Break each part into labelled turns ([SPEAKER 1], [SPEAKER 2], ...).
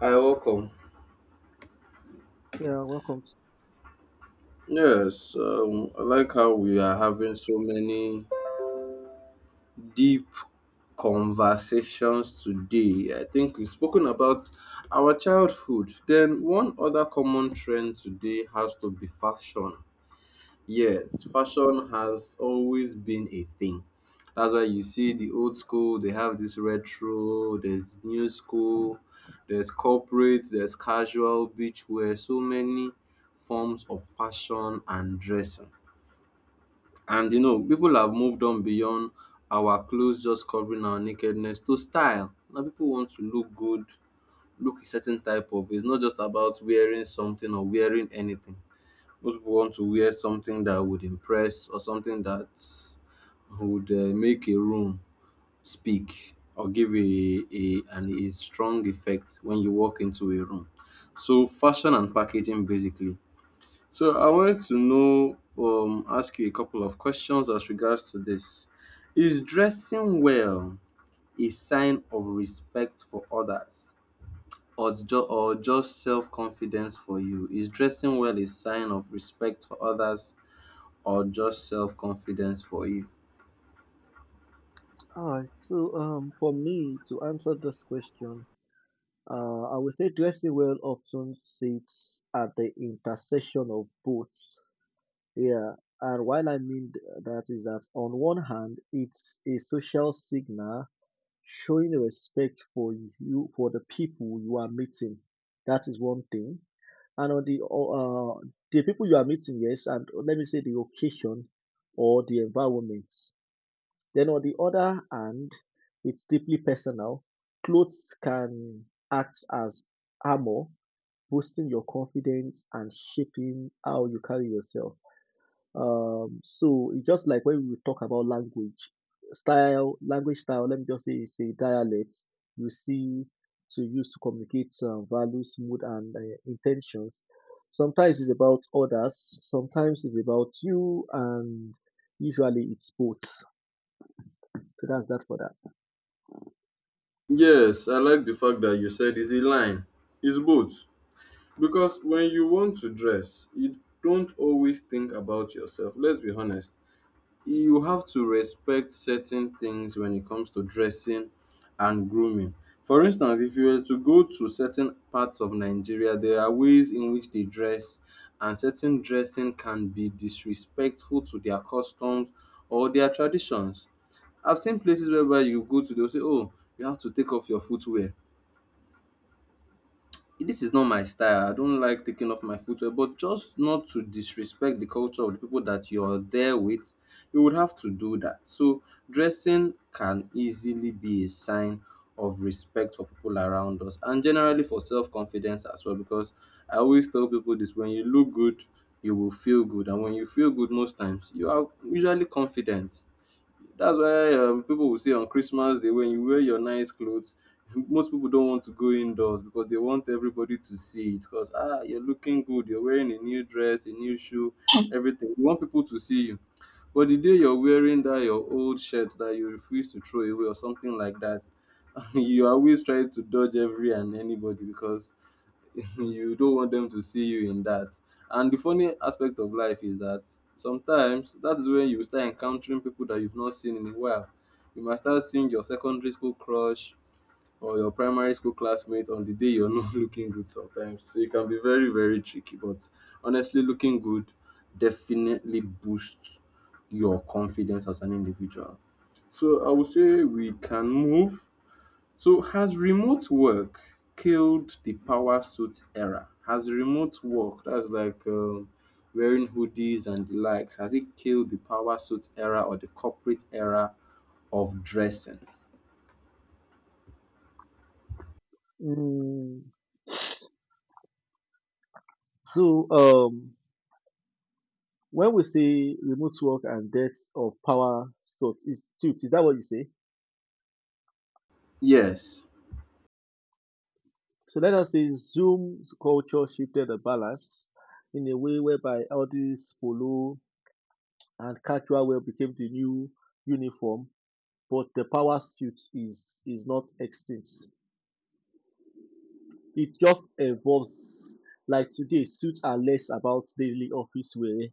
[SPEAKER 1] Hi, welcome.
[SPEAKER 2] Yeah, welcome.
[SPEAKER 1] Yes, I like how we are having so many deep conversations today. I think we've spoken about our childhood. Then, one other common trend today has to be fashion. Yes, fashion has always been a thing. That's why you see the old school, they have this retro, there's new school, there's corporate, there's casual, beachwear, so many forms of fashion and dressing. And people have moved on beyond our clothes just covering our nakedness to style. Now people want to look good, look a certain type of it's not just about wearing something or wearing anything. Most people want to wear something that would impress or something that would make a room speak or give a strong effect when you walk into a room. So fashion and packaging basically. So I wanted to know ask you a couple of questions as regards to this. Is dressing well a sign of respect for others or just self confidence for you? Is dressing well a sign of respect for others or just self confidence for you?
[SPEAKER 2] All right. So, for me to answer this question, I would say dressing well often sits at the intersection of both. Yeah, and while I mean th- that is that on one hand, it's a social signal showing respect for you, for the people you are meeting. That is one thing. And the people you are meeting, yes, and let me say the occasion or the environment. Then on the other hand, it's deeply personal. Clothes can act as armor, boosting your confidence and shaping how you carry yourself. So it's just like when we talk about language, let me just say it's a dialect you see to use to communicate values, mood, and intentions. Sometimes it's about others, sometimes it's about you, and usually it's both. So that's that for that.
[SPEAKER 1] Yes, I like the fact that you said it's a line. It's both. Because when you want to dress, you don't always think about yourself. Let's be honest. You have to respect certain things when it comes to dressing and grooming. For instance, if you were to go to certain parts of Nigeria, there are ways in which they dress, and certain dressing can be disrespectful to their customs or their traditions. I've seen places whereby you go to, they'll say, "Oh, you have to take off your footwear." This is not my style. I don't like taking off my footwear. But just not to disrespect the culture of the people that you're there with, you would have to do that. So, dressing can easily be a sign of respect for people around us and generally for self confidence as well. Because I always tell people this when you look good, you will feel good. And when you feel good, most times, you are usually confident that's why people will say on Christmas Day when you wear your nice clothes, most people don't want to go indoors because they want everybody to see it. Because you're looking good, you're wearing a new dress, a new shoe, everything. You want people to see you. But the day you're wearing that your old shirt that you refuse to throw away or something like that, you always try to dodge every and anybody because you don't want them to see you in that. And the funny aspect of life is that sometimes that is when you start encountering people that you've not seen in a while. You might start seeing your secondary school crush or your primary school classmate on the day you're not looking good sometimes. So it can be very, very tricky. But honestly, looking good definitely boosts your confidence as an individual. So I would say we can move, so has remote work killed the power suit era? Has remote work, that's like wearing hoodies and the likes, has it killed the power suit era or the corporate era of dressing?
[SPEAKER 2] Mm, so um, when we say remote work and death of power sorts, is suits, is that what you say?
[SPEAKER 1] Yes.
[SPEAKER 2] So let us say Zoom's culture shifted the balance in a way whereby all these polo and casual wear became the new uniform, but the power suit is not extinct. It just evolves. Like today, suits are less about daily office wear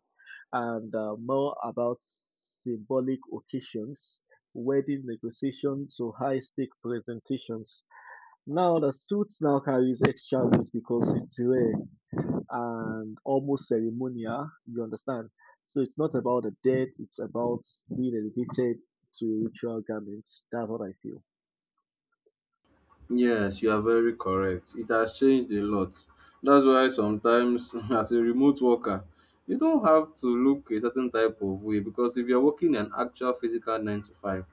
[SPEAKER 2] and more about symbolic occasions, wedding negotiations, or high stake presentations. Now, the suit now carries extra weight because it's rare and almost ceremonial, you understand? So it's not about the dead, it's about being elevated to ritual garments. That's what I feel.
[SPEAKER 1] Yes, you are very correct. It has changed a lot. That's why sometimes, as a remote worker, you don't have to look a certain type of way because if you're working an actual physical 9 to 5,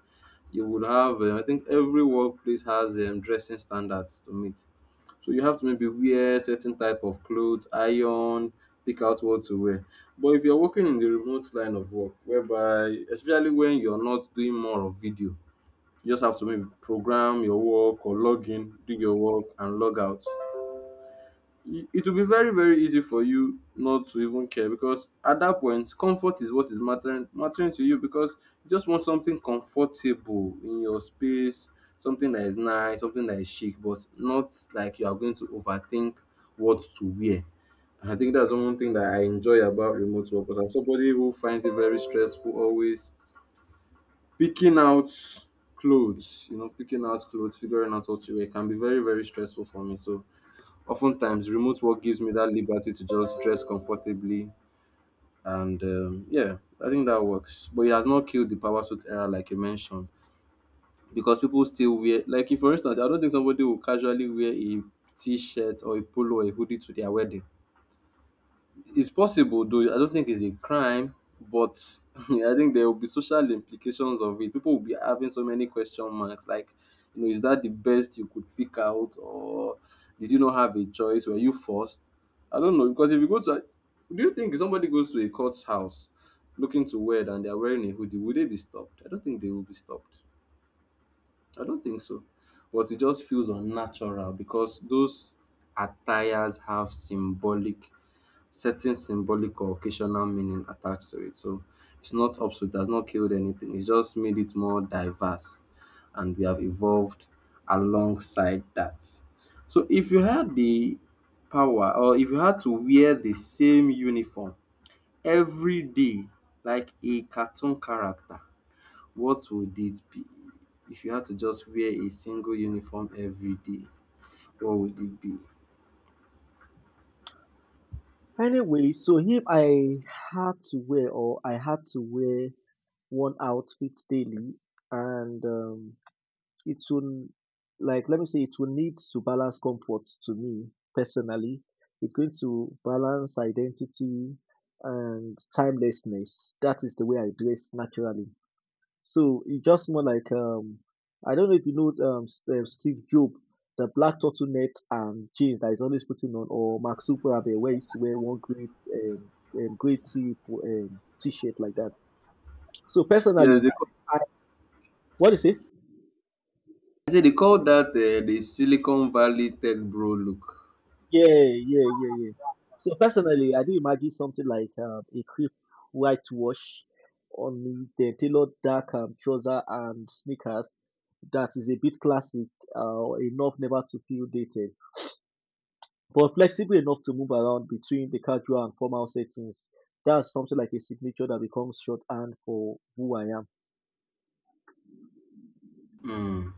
[SPEAKER 1] you would have, I think every workplace has dressing standards to meet. So you have to maybe wear certain type of clothes, iron, pick out what to wear. But if you're working in the remote line of work, whereby, especially when you're not doing more of video, you just have to maybe program your work or log in, do your work, and log out. It will be very, very easy for you not to even care because at that point, comfort is what is mattering to you because you just want something comfortable in your space, something that is nice, something that is chic, but not like you are going to overthink what to wear. I think that's one thing that I enjoy about remote work because I'm somebody who finds it very stressful always Picking out picking out clothes, figuring out what to wear can be very, very stressful for me. So, oftentimes, remote work gives me that liberty to just dress comfortably. And yeah, I think that works. But it has not killed the power suit era, like you mentioned, because people still wear, like, if, for instance, I don't think somebody will casually wear a t shirt or a polo or a hoodie to their wedding. It's possible though. I don't think it's a crime, but I think there will be social implications of it. People will be having so many question marks like, is that the best you could pick out, or did you not have a choice? Were you forced? I don't know because if you go to, do you think if somebody goes to a court's house looking to wear and they're wearing a hoodie, would they be stopped? I don't think they will be stopped. I don't think so. But it just feels unnatural because those attires have symbolic certain symbolic or occasional meaning attached to it. So it's not obsolete, it has not killed anything. It's just made it more diverse and we have evolved alongside that. So if you had the power or if you had to wear the same uniform every day like a cartoon character, what would it be? If you had to just wear a single uniform every day, what would it be?
[SPEAKER 2] Anyway, so if I had to wear or I had to wear one outfit daily and it will, like, let me say, it will need to balance comfort to me personally. It's going to balance identity and timelessness. That is the way I dress naturally. So it's just more like I don't know if you know Steve Jobs, the black turtleneck and jeans that he's always putting on, or Mark Zuckerberg where he's wear one great T t-shirt like that. So
[SPEAKER 1] Yes,
[SPEAKER 2] personally, I what do you say?
[SPEAKER 1] I say they call that the Silicon Valley tech bro look.
[SPEAKER 2] Yeah, yeah, yeah, yeah. So personally, I do imagine something like a crisp white wash on me, then tailored dark trouser and sneakers that is a bit classic, enough never to feel dated, but flexible enough to move around between the casual and formal settings. That's something like a signature that becomes shorthand for who I am.
[SPEAKER 1] Mm.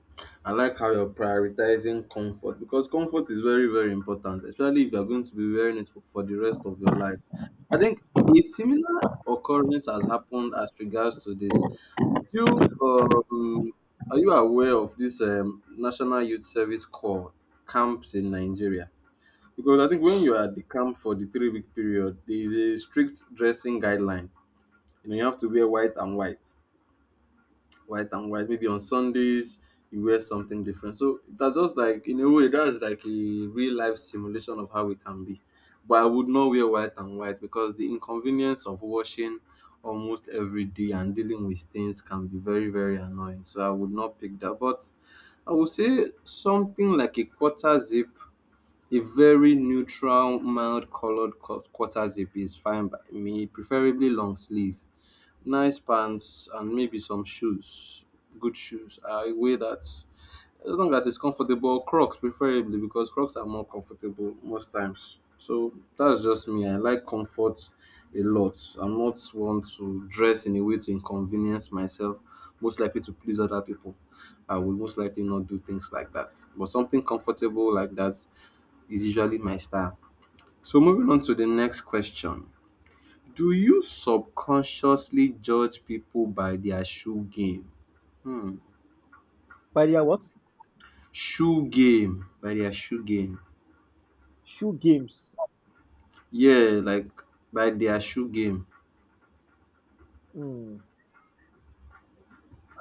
[SPEAKER 1] I like how you're prioritizing comfort because comfort is very, very important, especially if you're going to be wearing it for the rest of your life. I think a similar occurrence has happened as regards to this. Do you, um, are you aware of this National Youth Service Corps camps in Nigeria? Because I think when you are at the camp for the 3-week period, there is a strict dressing guideline. You know, you have to wear white and white, white and white. Maybe on Sundays you wear something different. So that's just like in a way that's like a real life simulation of how it can be. But I would not wear white and white because the inconvenience of washing almost every day and dealing with stains can be very very annoying. So I would not pick that. But I would say something like a quarter zip, a very neutral, mild colored quarter zip is fine by me, preferably long sleeve. Nice pants and maybe some shoes. Good shoes. I wear that as long as it's comfortable. Crocs preferably because Crocs are more comfortable most times. So that's just me. I like comfort a lot. I'm not one to dress in a way to inconvenience myself, most likely to please other people. I will most likely not do things like that. But something comfortable like that is usually my style. So moving on to the next question. Do you subconsciously judge people by their shoe game?
[SPEAKER 2] But yeah, what?
[SPEAKER 1] Shoe game. By their shoe game.
[SPEAKER 2] Shoe games.
[SPEAKER 1] Yeah, like by their shoe game.
[SPEAKER 2] Hmm.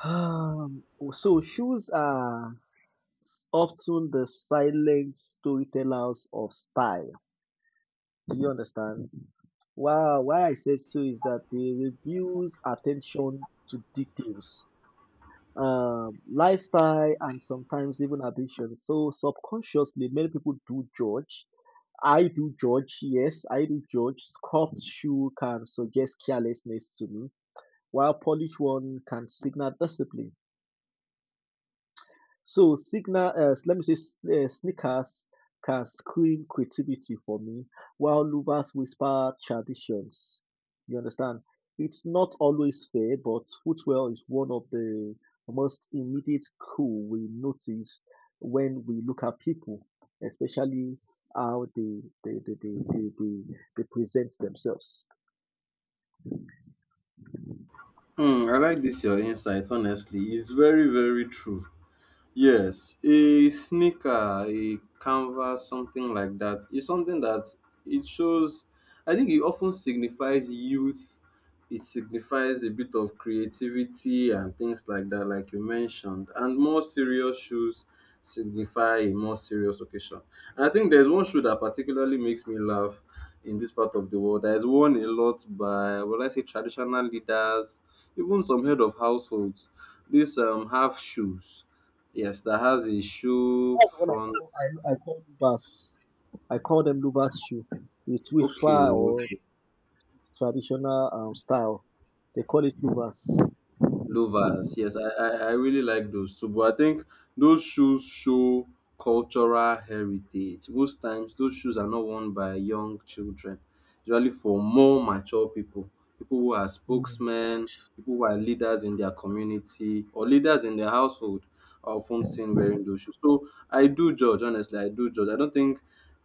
[SPEAKER 2] Um, so shoes are often the silent storytellers of style. Do you understand? Wow, why I said so is that they refuse attention to details, lifestyle, and sometimes even ambition. So subconsciously, many people do judge. I do judge, yes, I do judge. Scuffed shoe can suggest carelessness to me, while polished one can signal discipline. So signal, let me say, s- sneakers can scream creativity for me, while louvers whisper traditions. You understand? It's not always fair, but footwear is one of the most immediate clue we notice when we look at people, especially how they present themselves.
[SPEAKER 1] I like this your insight, honestly. It's very, very true. Yes, a sneaker, a canvas, something like that is something that it shows. I think it often signifies youth. It signifies a bit of creativity and things like that, like you mentioned. And more serious shoes signify a more serious occasion. And I think there's one shoe that particularly makes me laugh in this part of the world. That is worn a lot by, well, I say, traditional leaders, even some head of households. These half shoes. Yes, that has a shoe
[SPEAKER 2] That's what I
[SPEAKER 1] front.
[SPEAKER 2] call I, I call louvers. I call them louvers shoe. It's
[SPEAKER 1] Okay,
[SPEAKER 2] whisper or traditional style. They call it louvers.
[SPEAKER 1] louvers. Yes, I really like those too. But I think those shoes show cultural heritage. Most times, those shoes are not worn by young children. Usually, for more mature people, people who are
[SPEAKER 2] Mm.
[SPEAKER 1] spokesmen, people who are leaders in their community or leaders in their household, are often seen wearing those shoes. So I do judge. Honestly, I do judge. I don't think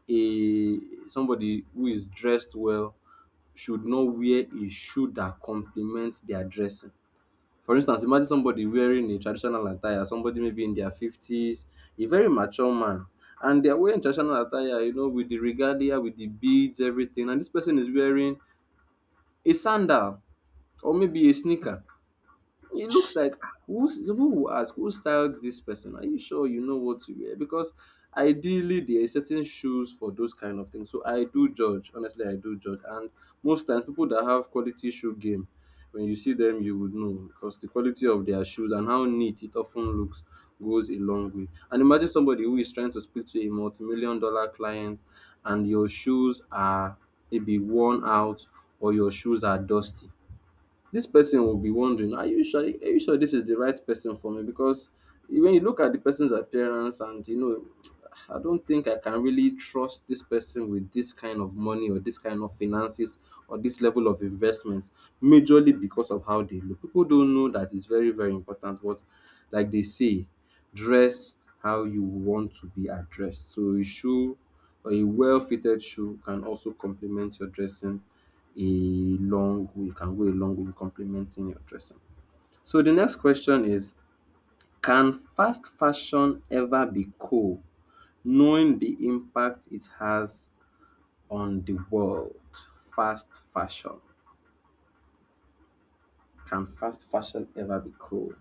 [SPEAKER 1] a somebody who is dressed well should not wear a shoe that complements their dressing. For instance, imagine somebody wearing a traditional attire, somebody maybe in their 50s, a very mature man, and they're wearing traditional attire, with the regalia, with the beads, everything. And this person is wearing a sandal or maybe a sneaker. It looks like, "Ah, who's" the people will ask, "who styled this person? Are you sure you know what to wear?" Because ideally there are certain shoes for those kind of things. So I do judge. Honestly, I do judge. And most times people that have quality shoe game, when you see them you would know because the quality of their shoes and how neat it often looks goes a long way. And imagine somebody who is trying to speak to a multi-million dollar client and your shoes are maybe worn out or your shoes are dusty. This person will be wondering, are you sure? Are you sure this is the right person for me? Because when you look at the person's appearance and I don't think I can really trust this person with this kind of money or this kind of finances or this level of investment, majorly because of how they look. People don't know that it's very, very important. But like they say, dress how you want to be addressed. So a shoe or a well-fitted shoe can also complement your dressing a long way it can go a long way in complementing your dressing. So the next question is, can fast fashion ever be cool knowing the impact it has on the world? Fast fashion. Can fast fashion ever be cool?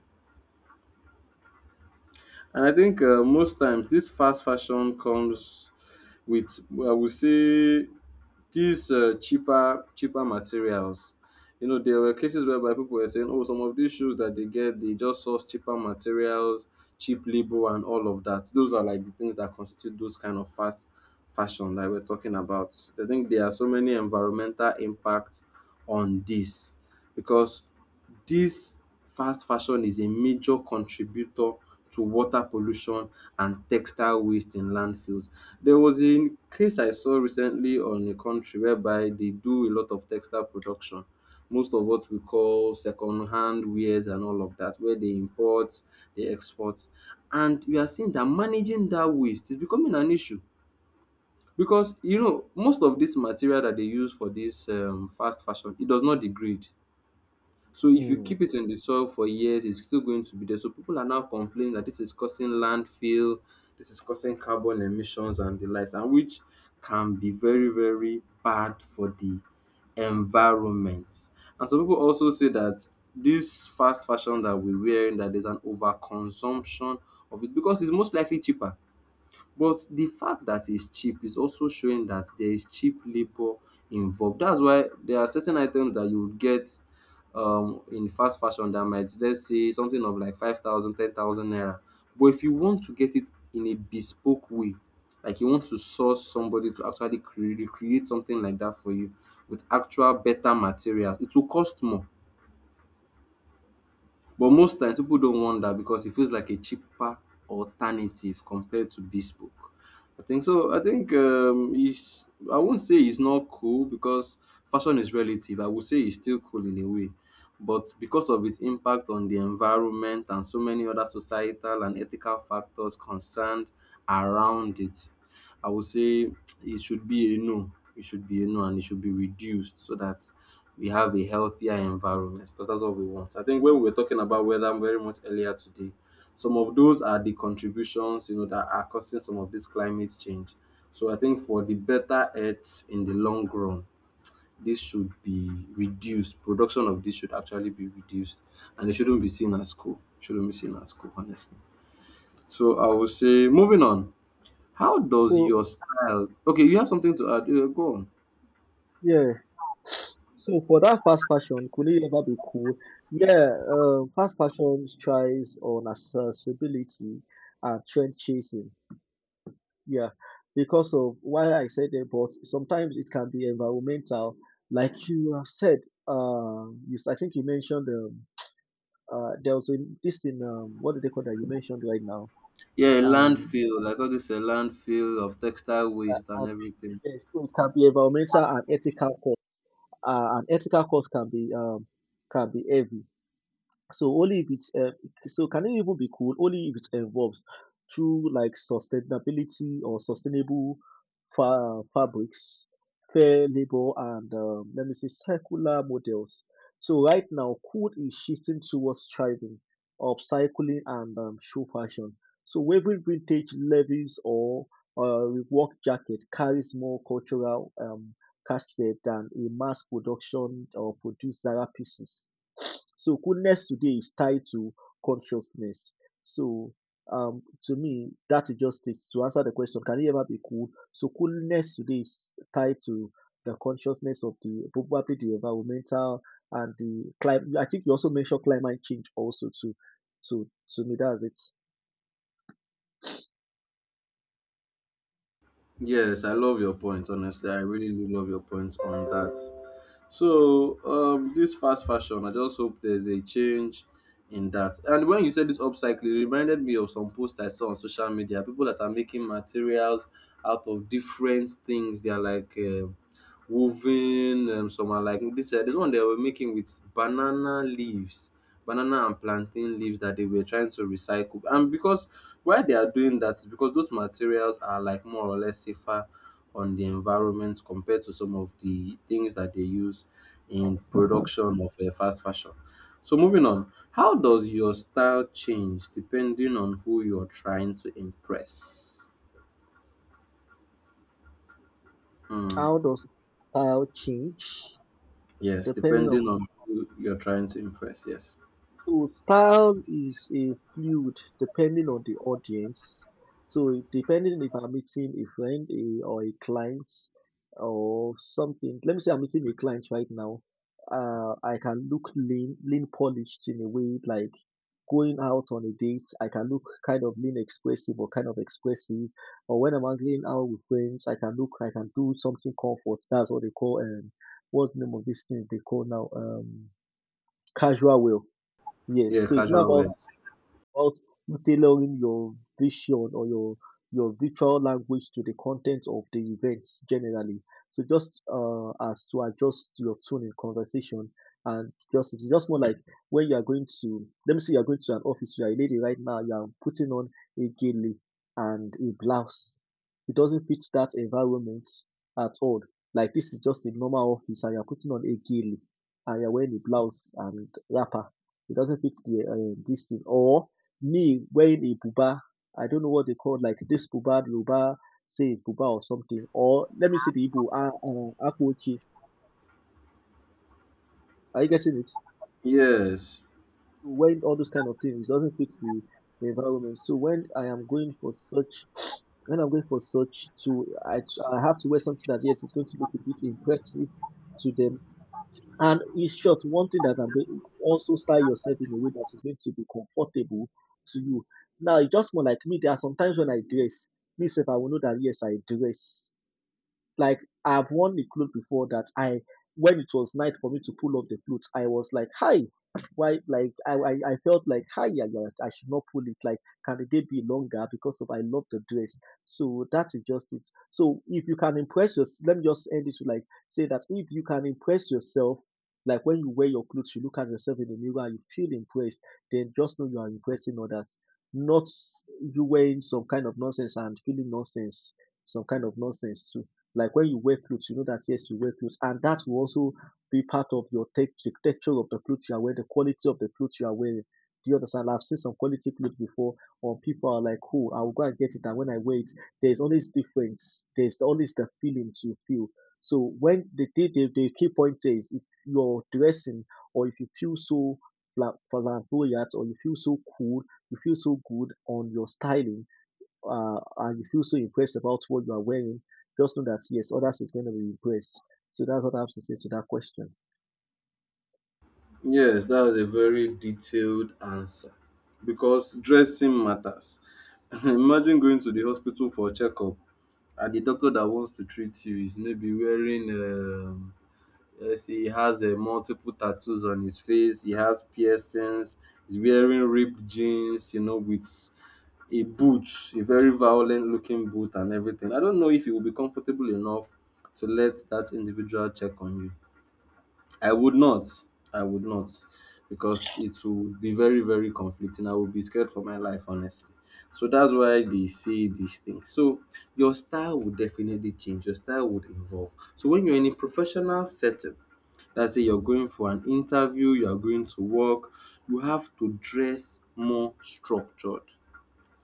[SPEAKER 1] And I think most times this fast fashion comes with, I would say, these cheaper materials. You know, there were cases whereby people were saying, "Oh, some of these shoes that they get, they just source cheaper materials, cheap labor, and all of that." Those are like the things that constitute those kind of fast fashion that we're talking about. I think there are so many environmental impacts on this, because this fast fashion is a major contributor to water pollution and textile waste in landfills. There was a case I saw recently on a country whereby they do a lot of textile production, most of what we call second hand wares and all of that, where they import, they export. And you are seeing that managing that waste is becoming an issue, because you know, most of this material that they use for this fast fashion, it does not degrade. So if you
[SPEAKER 2] Mm.
[SPEAKER 1] keep it in the soil for years, it's still going to be there. So people are now complaining that this is causing landfill, this is causing carbon emissions and the likes, and which can be very, very bad for the environment. And some people also say that this fast fashion that we're wearing, that there's an overconsumption of it because it's most likely cheaper. But the fact that it's cheap is also showing that there is cheap labor involved. That's why there are certain items that you would get in fast fashion that might, let's say, something of like 5,000, 10,000 naira. But if you want to get it in a bespoke way, like you want to source somebody to actually create something like that for you with actual better materials, it will cost more. But most times people don't want that because it feels like a cheaper alternative compared to bespoke. I think so. I think it's. I won't say it's not cool because fashion is relative. I would say it's still cool in a way, but because of its impact on the environment and so many other societal and ethical factors concerned around it, I would say it should be a no. It should be a no and it should be reduced so that we have a healthier environment, because that's what we want. I think when we were talking about weather very much earlier today, some of those are the contributions, you know, that are causing some of this climate change. So I think for the better earth in the long run, this should be reduced. Production of this should actually be reduced and it shouldn't be seen as cool. Shouldn't be seen as cool, honestly. So I would say moving on. How does
[SPEAKER 2] So
[SPEAKER 1] your style? Okay, you have something to add. Yeah, go on.
[SPEAKER 2] yeah, so for that fast fashion, could it ever be cool? Yeah, fast fashion tries on accessibility and trend chasing. Yeah, because of why I said that, but sometimes it can be environmental, like you have said. Yes, I think you mentioned uh, there was a, this in what do they call that you mentioned right now?
[SPEAKER 1] Yeah, a
[SPEAKER 2] Um,
[SPEAKER 1] landfill, like all this, a landfill of textile waste and everything.
[SPEAKER 2] Yes, so it can be environmental and ethical costs. And ethical costs can be heavy. So only if it's so can it even be cool only if it involves true like sustainability or sustainable fabrics, fair labor, and let me say circular models. So right now, cool is shifting towards thriving, upcycling, and show fashion. So wearing vintage levies or work jacket carries more cultural cachet than a mass production or produced Zara pieces. So coolness today is tied to consciousness. So to me that is just it. To answer the question, can you ever be cool? So coolness today is tied to the consciousness of the probably the environmental and the climate. I think you also mentioned climate change also too. So to me that's it.
[SPEAKER 1] Yes, I love your point. Honestly, I really do love your point on that. So this fast fashion, I just hope there's a change in that. And when you said this upcycling, it reminded me of some posts I saw on social media. People that are making materials out of different things. They are like woven. Some are like this. This one they were making with banana leaves, banana and plantain leaves that they were trying to recycle. And because why they are doing that is because those materials are like more or less safer on the environment compared to some of the things that they use in production of fast fashion. So moving on, how does your style change depending on who you're trying to impress? Hmm.
[SPEAKER 2] How does style change
[SPEAKER 1] Yes,
[SPEAKER 2] depending on?
[SPEAKER 1] depending on who you're trying to impress. Yes.
[SPEAKER 2] So style is a fluid depending on the audience. So depending if I'm meeting a friend a, or a client or something, let me say I'm meeting a client right now. I can look lean polished in a way like going out on a date. I can look kind of expressive. Or when I'm hanging out with friends, I can look, I can do something comfort. That's what they call what's the name of this thing they call now casual wear. Yes,
[SPEAKER 1] Yeah,
[SPEAKER 2] so it's not
[SPEAKER 1] casual
[SPEAKER 2] about
[SPEAKER 1] wear.
[SPEAKER 2] about tailoring your vision or your virtual language to the content of the events generally. So just as to adjust your tone in conversation, and just it's just more like when you are going to, let me say you are going to an office, you are a lady right now, you are putting on a gilly and a blouse. It doesn't fit that environment at all. Like this is just a normal office and you are putting on a gilly and you are wearing a blouse and wrapper. It doesn't fit the this thing. Or me wearing a buba, I don't know what they call like this buba, luba, say it's buba or something, or let me see the Igbo, ah, akpochi. Are you getting it?
[SPEAKER 1] Yes.
[SPEAKER 2] Wearing all those kind of things doesn't fit the environment. So when I am going for such, when I'm going for such to, I have to wear something that yes, it's going to look a bit impressive to them. And in short, one thing that I'm going also style yourself in a way that is going to be comfortable to you. Now, it's just more like me. There are sometimes when I dress, myself, I will know that yes, I dress. Like I've worn a cloth before that I when it was night for me to pull off the cloth, I was like, "Hi, why?" Like I felt like, "Hi, yeah, yeah, I should not pull it." Like, can the day be longer because of I love the dress? So that is just it. So if you can impress yourself, let me just end this with like say that if you can impress yourself, like when you wear your clothes, you look at yourself in the mirror, you feel impressed, then just know you are impressing others. Not you wearing some kind of nonsense and feeling nonsense, some kind of nonsense too. Like when you wear clothes, you know that yes, you wear clothes, and that will also be part of your tech the texture of the clothes you are wearing, the quality of the clothes you are wearing. Do you understand? I've seen some quality clothes before, or people are like, "Oh, I will go and get it," and when I wear it, there's always difference. There's always the feelings you feel. So when the key point is, if you're dressing or if you feel so flamboyant or you feel so cool, you feel so good on your styling, and you feel so impressed about what you are wearing, just know that yes, others is going to be impressed. So that's what I have to say to that question.
[SPEAKER 1] Yes, that was a very detailed answer because dressing matters. Imagine going to the hospital for a checkup and the doctor that wants to treat you is maybe wearing let's say he has multiple tattoos on his face, he has piercings, he's wearing ripped jeans, you know, with a boot, a very violent looking boot and everything. I don't know if he will be comfortable enough to let that individual check on you. I would not. I would not, because it would be very, very conflicting. I would be scared for my life, honestly. So that's why they say these things. So your style would definitely change. Your style would evolve. So when you're in a professional setting, let's say you're going for an interview, you are going to work, you have to dress more structured,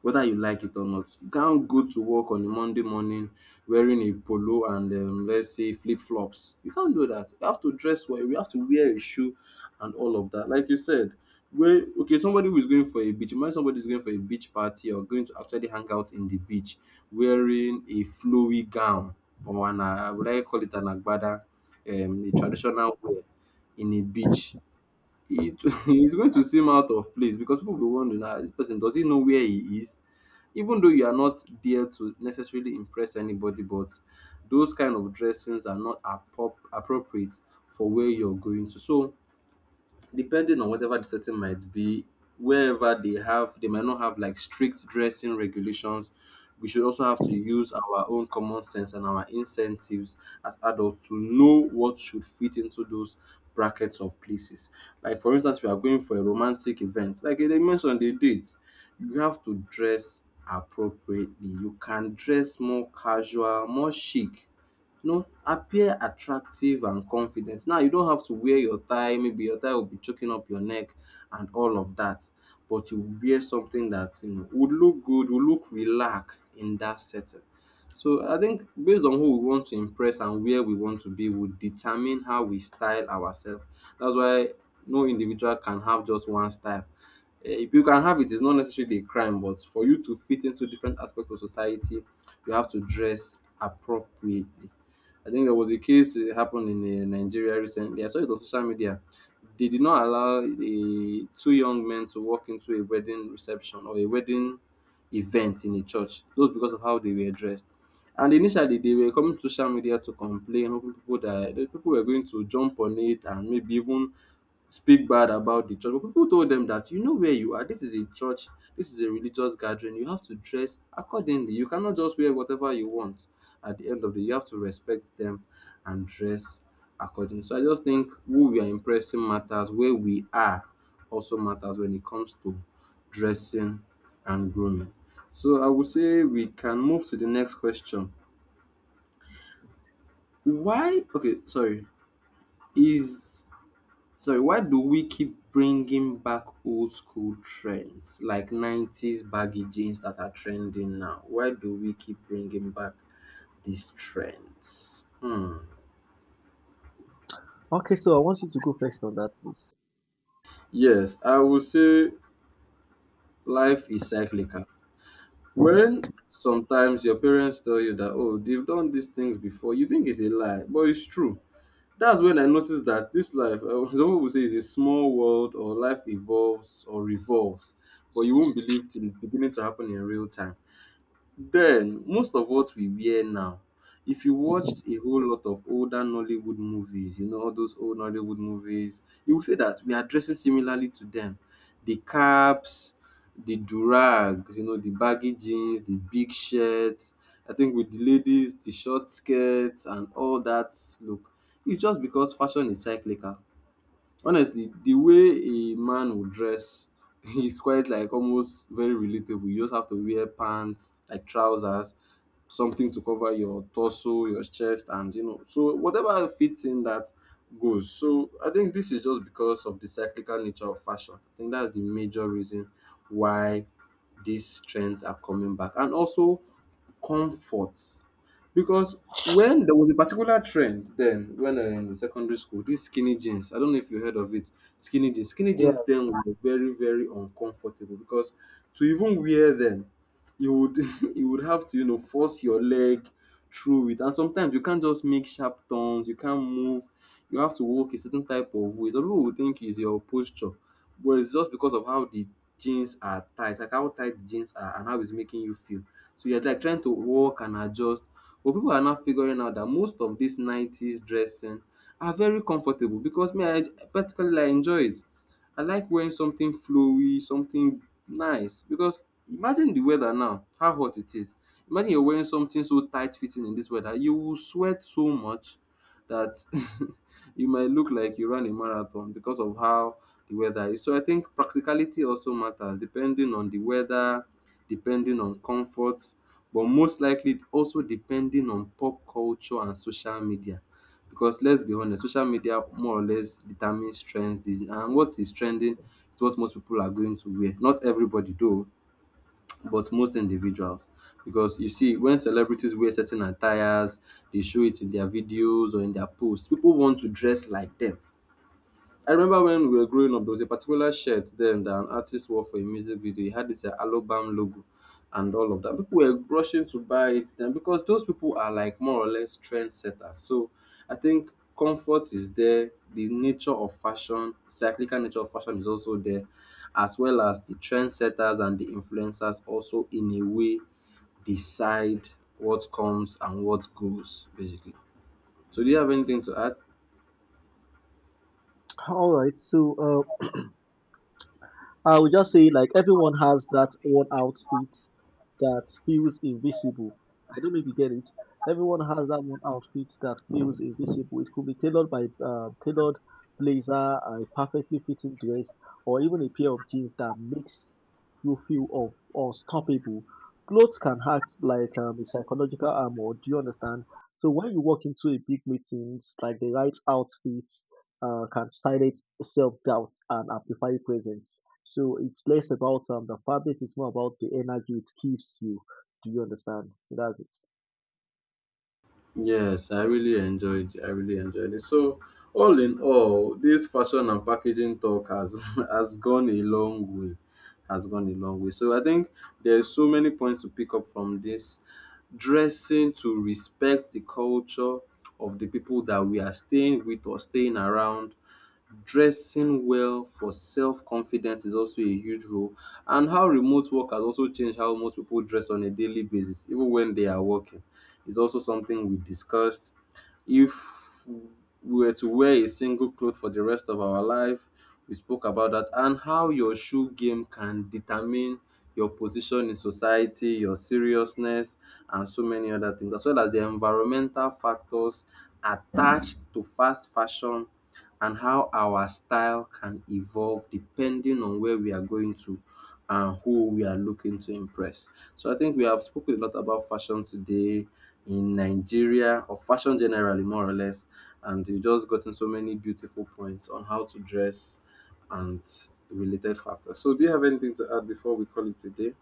[SPEAKER 1] whether you like it or not. You can't go to work on a Monday morning wearing a polo and let's say flip flops. You can't do that. You have to dress well. You have to wear a shoe and all of that. Like you said, where okay, somebody who is going for a beach, imagine somebody is going for a beach party or going to actually hang out in the beach wearing a flowy gown or an I would like call it an agbada, a traditional wear in a beach. It is going to seem out of place because people will be wondering, ah, this person, does he know where he is? Even though you are not there to necessarily impress anybody, but those kind of dressings are not appropriate for where you're going to. So depending on whatever the setting might be, wherever they have, they might not have like strict dressing regulations, we should also have to use our own common sense and our incentives as adults to know what should fit into those brackets of places. Like for instance, we are going for a romantic event, like they mentioned, they date, you have to dress appropriately. You can dress more casual, more chic, you know, appear attractive and confident. Now you don't have to wear your tie, maybe your tie will be choking up your neck and all of that. But you wear something that you know would look good, would look relaxed in that setting. So I think based on who we want to impress and where we want to be would determine how we style ourselves. That's why no individual can have just one style. Eh, if you can have it, it's not necessarily a crime, but for you to fit into different aspects of society, you have to dress appropriately. I think there was a case it happened in Nigeria recently. I saw it on social media. They did not allow the two young men to walk into a wedding reception or a wedding event in a church, just because of how they were dressed. And initially, they were coming to social media to complain, hoping people that the people were going to jump on it and maybe even speak bad about the church. But people told them that you know where you are. This is a church. This is a religious gathering. You have to dress accordingly. You cannot just wear whatever you want. At the end of the day, you have to respect them and dress accordingly. So I just think who we are impressing matters. Where we are also matters when it comes to dressing and grooming. So I would say we can move to the next question. Why? Okay, sorry. Is Sorry, why do we keep bringing back old school trends like 90s baggy jeans that are trending now? Why do we keep bringing back these trends? Hmm.
[SPEAKER 2] Okay, so I want you to go first on that, please.
[SPEAKER 1] Yes, I would say life is cyclical. When sometimes your parents tell you that, oh, they've done these things before, you think it's a lie, but it's true. That's when I noticed that this life, some people say, is a small world or life evolves or revolves, but you won't believe till it's beginning to happen in real time. Then, most of what we wear now, if you watched a whole lot of older Nollywood movies, you know, all those old Nollywood movies, you will say that we are dressing similarly to them. The caps, the durags, you know, the baggy jeans, the big shirts. I think with the ladies, the short skirts and all that look. It's just because fashion is cyclical. Honestly, the way a man would dress is quite like almost very relatable. You just have to wear pants, like trousers, something to cover your torso, your chest, and you know, so whatever fits in that goes. So I think this is just because of the cyclical nature of fashion. I think that's the major reason why these trends are coming back. And also comfort. Because when there was a particular trend then when I was in secondary school, these skinny jeans, I don't know if you heard of it, skinny jeans. Skinny
[SPEAKER 2] Yeah.
[SPEAKER 1] jeans then were very, very uncomfortable because to even wear them, you would you would have to, you know, force your leg through it, and sometimes you can't just make sharp turns, you can't move, you have to walk a certain type of way. Some people will think it's your posture, but it's just because of how the jeans are tight, like how tight the jeans are and how it's making you feel. So you're like trying to walk and adjust, but people are now figuring out that most of this 90s dressing are very comfortable because me, I particularly I enjoy it. I like wearing something flowy, something nice because imagine the weather now, how hot it is. Imagine you're wearing something so tight fitting in this weather. You will sweat so much that you might look like you ran a marathon because of how the weather is. So I think practicality also matters depending on the weather, depending on comfort, but most likely also depending on pop culture and social media. Because let's be honest, social media more or less determines trends. This- And what is trending is what most people are going to wear. Not everybody, though, but most individuals, because you see when celebrities wear certain attires, they show it in their videos or in their posts, people want to dress like them. I remember when we were growing up, there was a particular shirt then that an artist wore for a music video. He had this Alobam logo and all of that. People were rushing to buy it then because those people are like more or less trendsetters. So I think comfort is there, the nature of fashion, cyclical nature of fashion is also there, as well as the trendsetters and the influencers also in a way decide what comes and what goes, basically. So do you have anything to add?
[SPEAKER 2] All right. So, I would just say like everyone has that one outfit that feels invisible. I don't know if you get it. Everyone has that one outfit that feels invisible. It could be tailored blazer, a perfectly fitting dress, or even a pair of jeans that makes you feel of unstoppable. Clothes can act like a psychological armor. Do you understand? So when you walk into a big meetings, like the right outfits can silence self doubt and amplify presence. So it's less about the fabric, it's more about the energy it gives you. Do you understand? So that's it.
[SPEAKER 1] I really enjoyed it. So, all in all, this fashion and packaging talk has has gone a long way. Has gone a long way. So I think there's so many points to pick up from this: dressing to respect the culture of the people that we are staying with or staying around, dressing well for self-confidence is also a huge role, and how remote work has also changed how most people dress on a daily basis, even when they are working, is also something we discussed. If we were to wear a single cloth for the rest of our life, we spoke about that, and how your shoe game can determine your position in society, your seriousness, and so many other things, as well as the environmental factors attached to fast fashion, and how our style can evolve depending on where we are going to and who we are looking to impress. So I think we have spoken a lot about fashion today in Nigeria, or fashion generally, more or less, and you just gotten so many beautiful points on how to dress and related factors. So do you have anything to add before we call it today?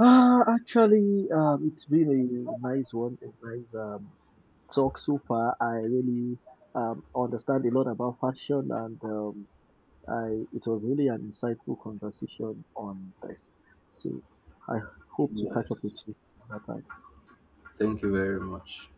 [SPEAKER 2] Ah, it's been a nice one, a nice talk so far. I really understand a lot about fashion, and I it was really an insightful conversation on this. So I hope to catch
[SPEAKER 1] Yes.
[SPEAKER 2] up with you another time.
[SPEAKER 1] Thank you very much.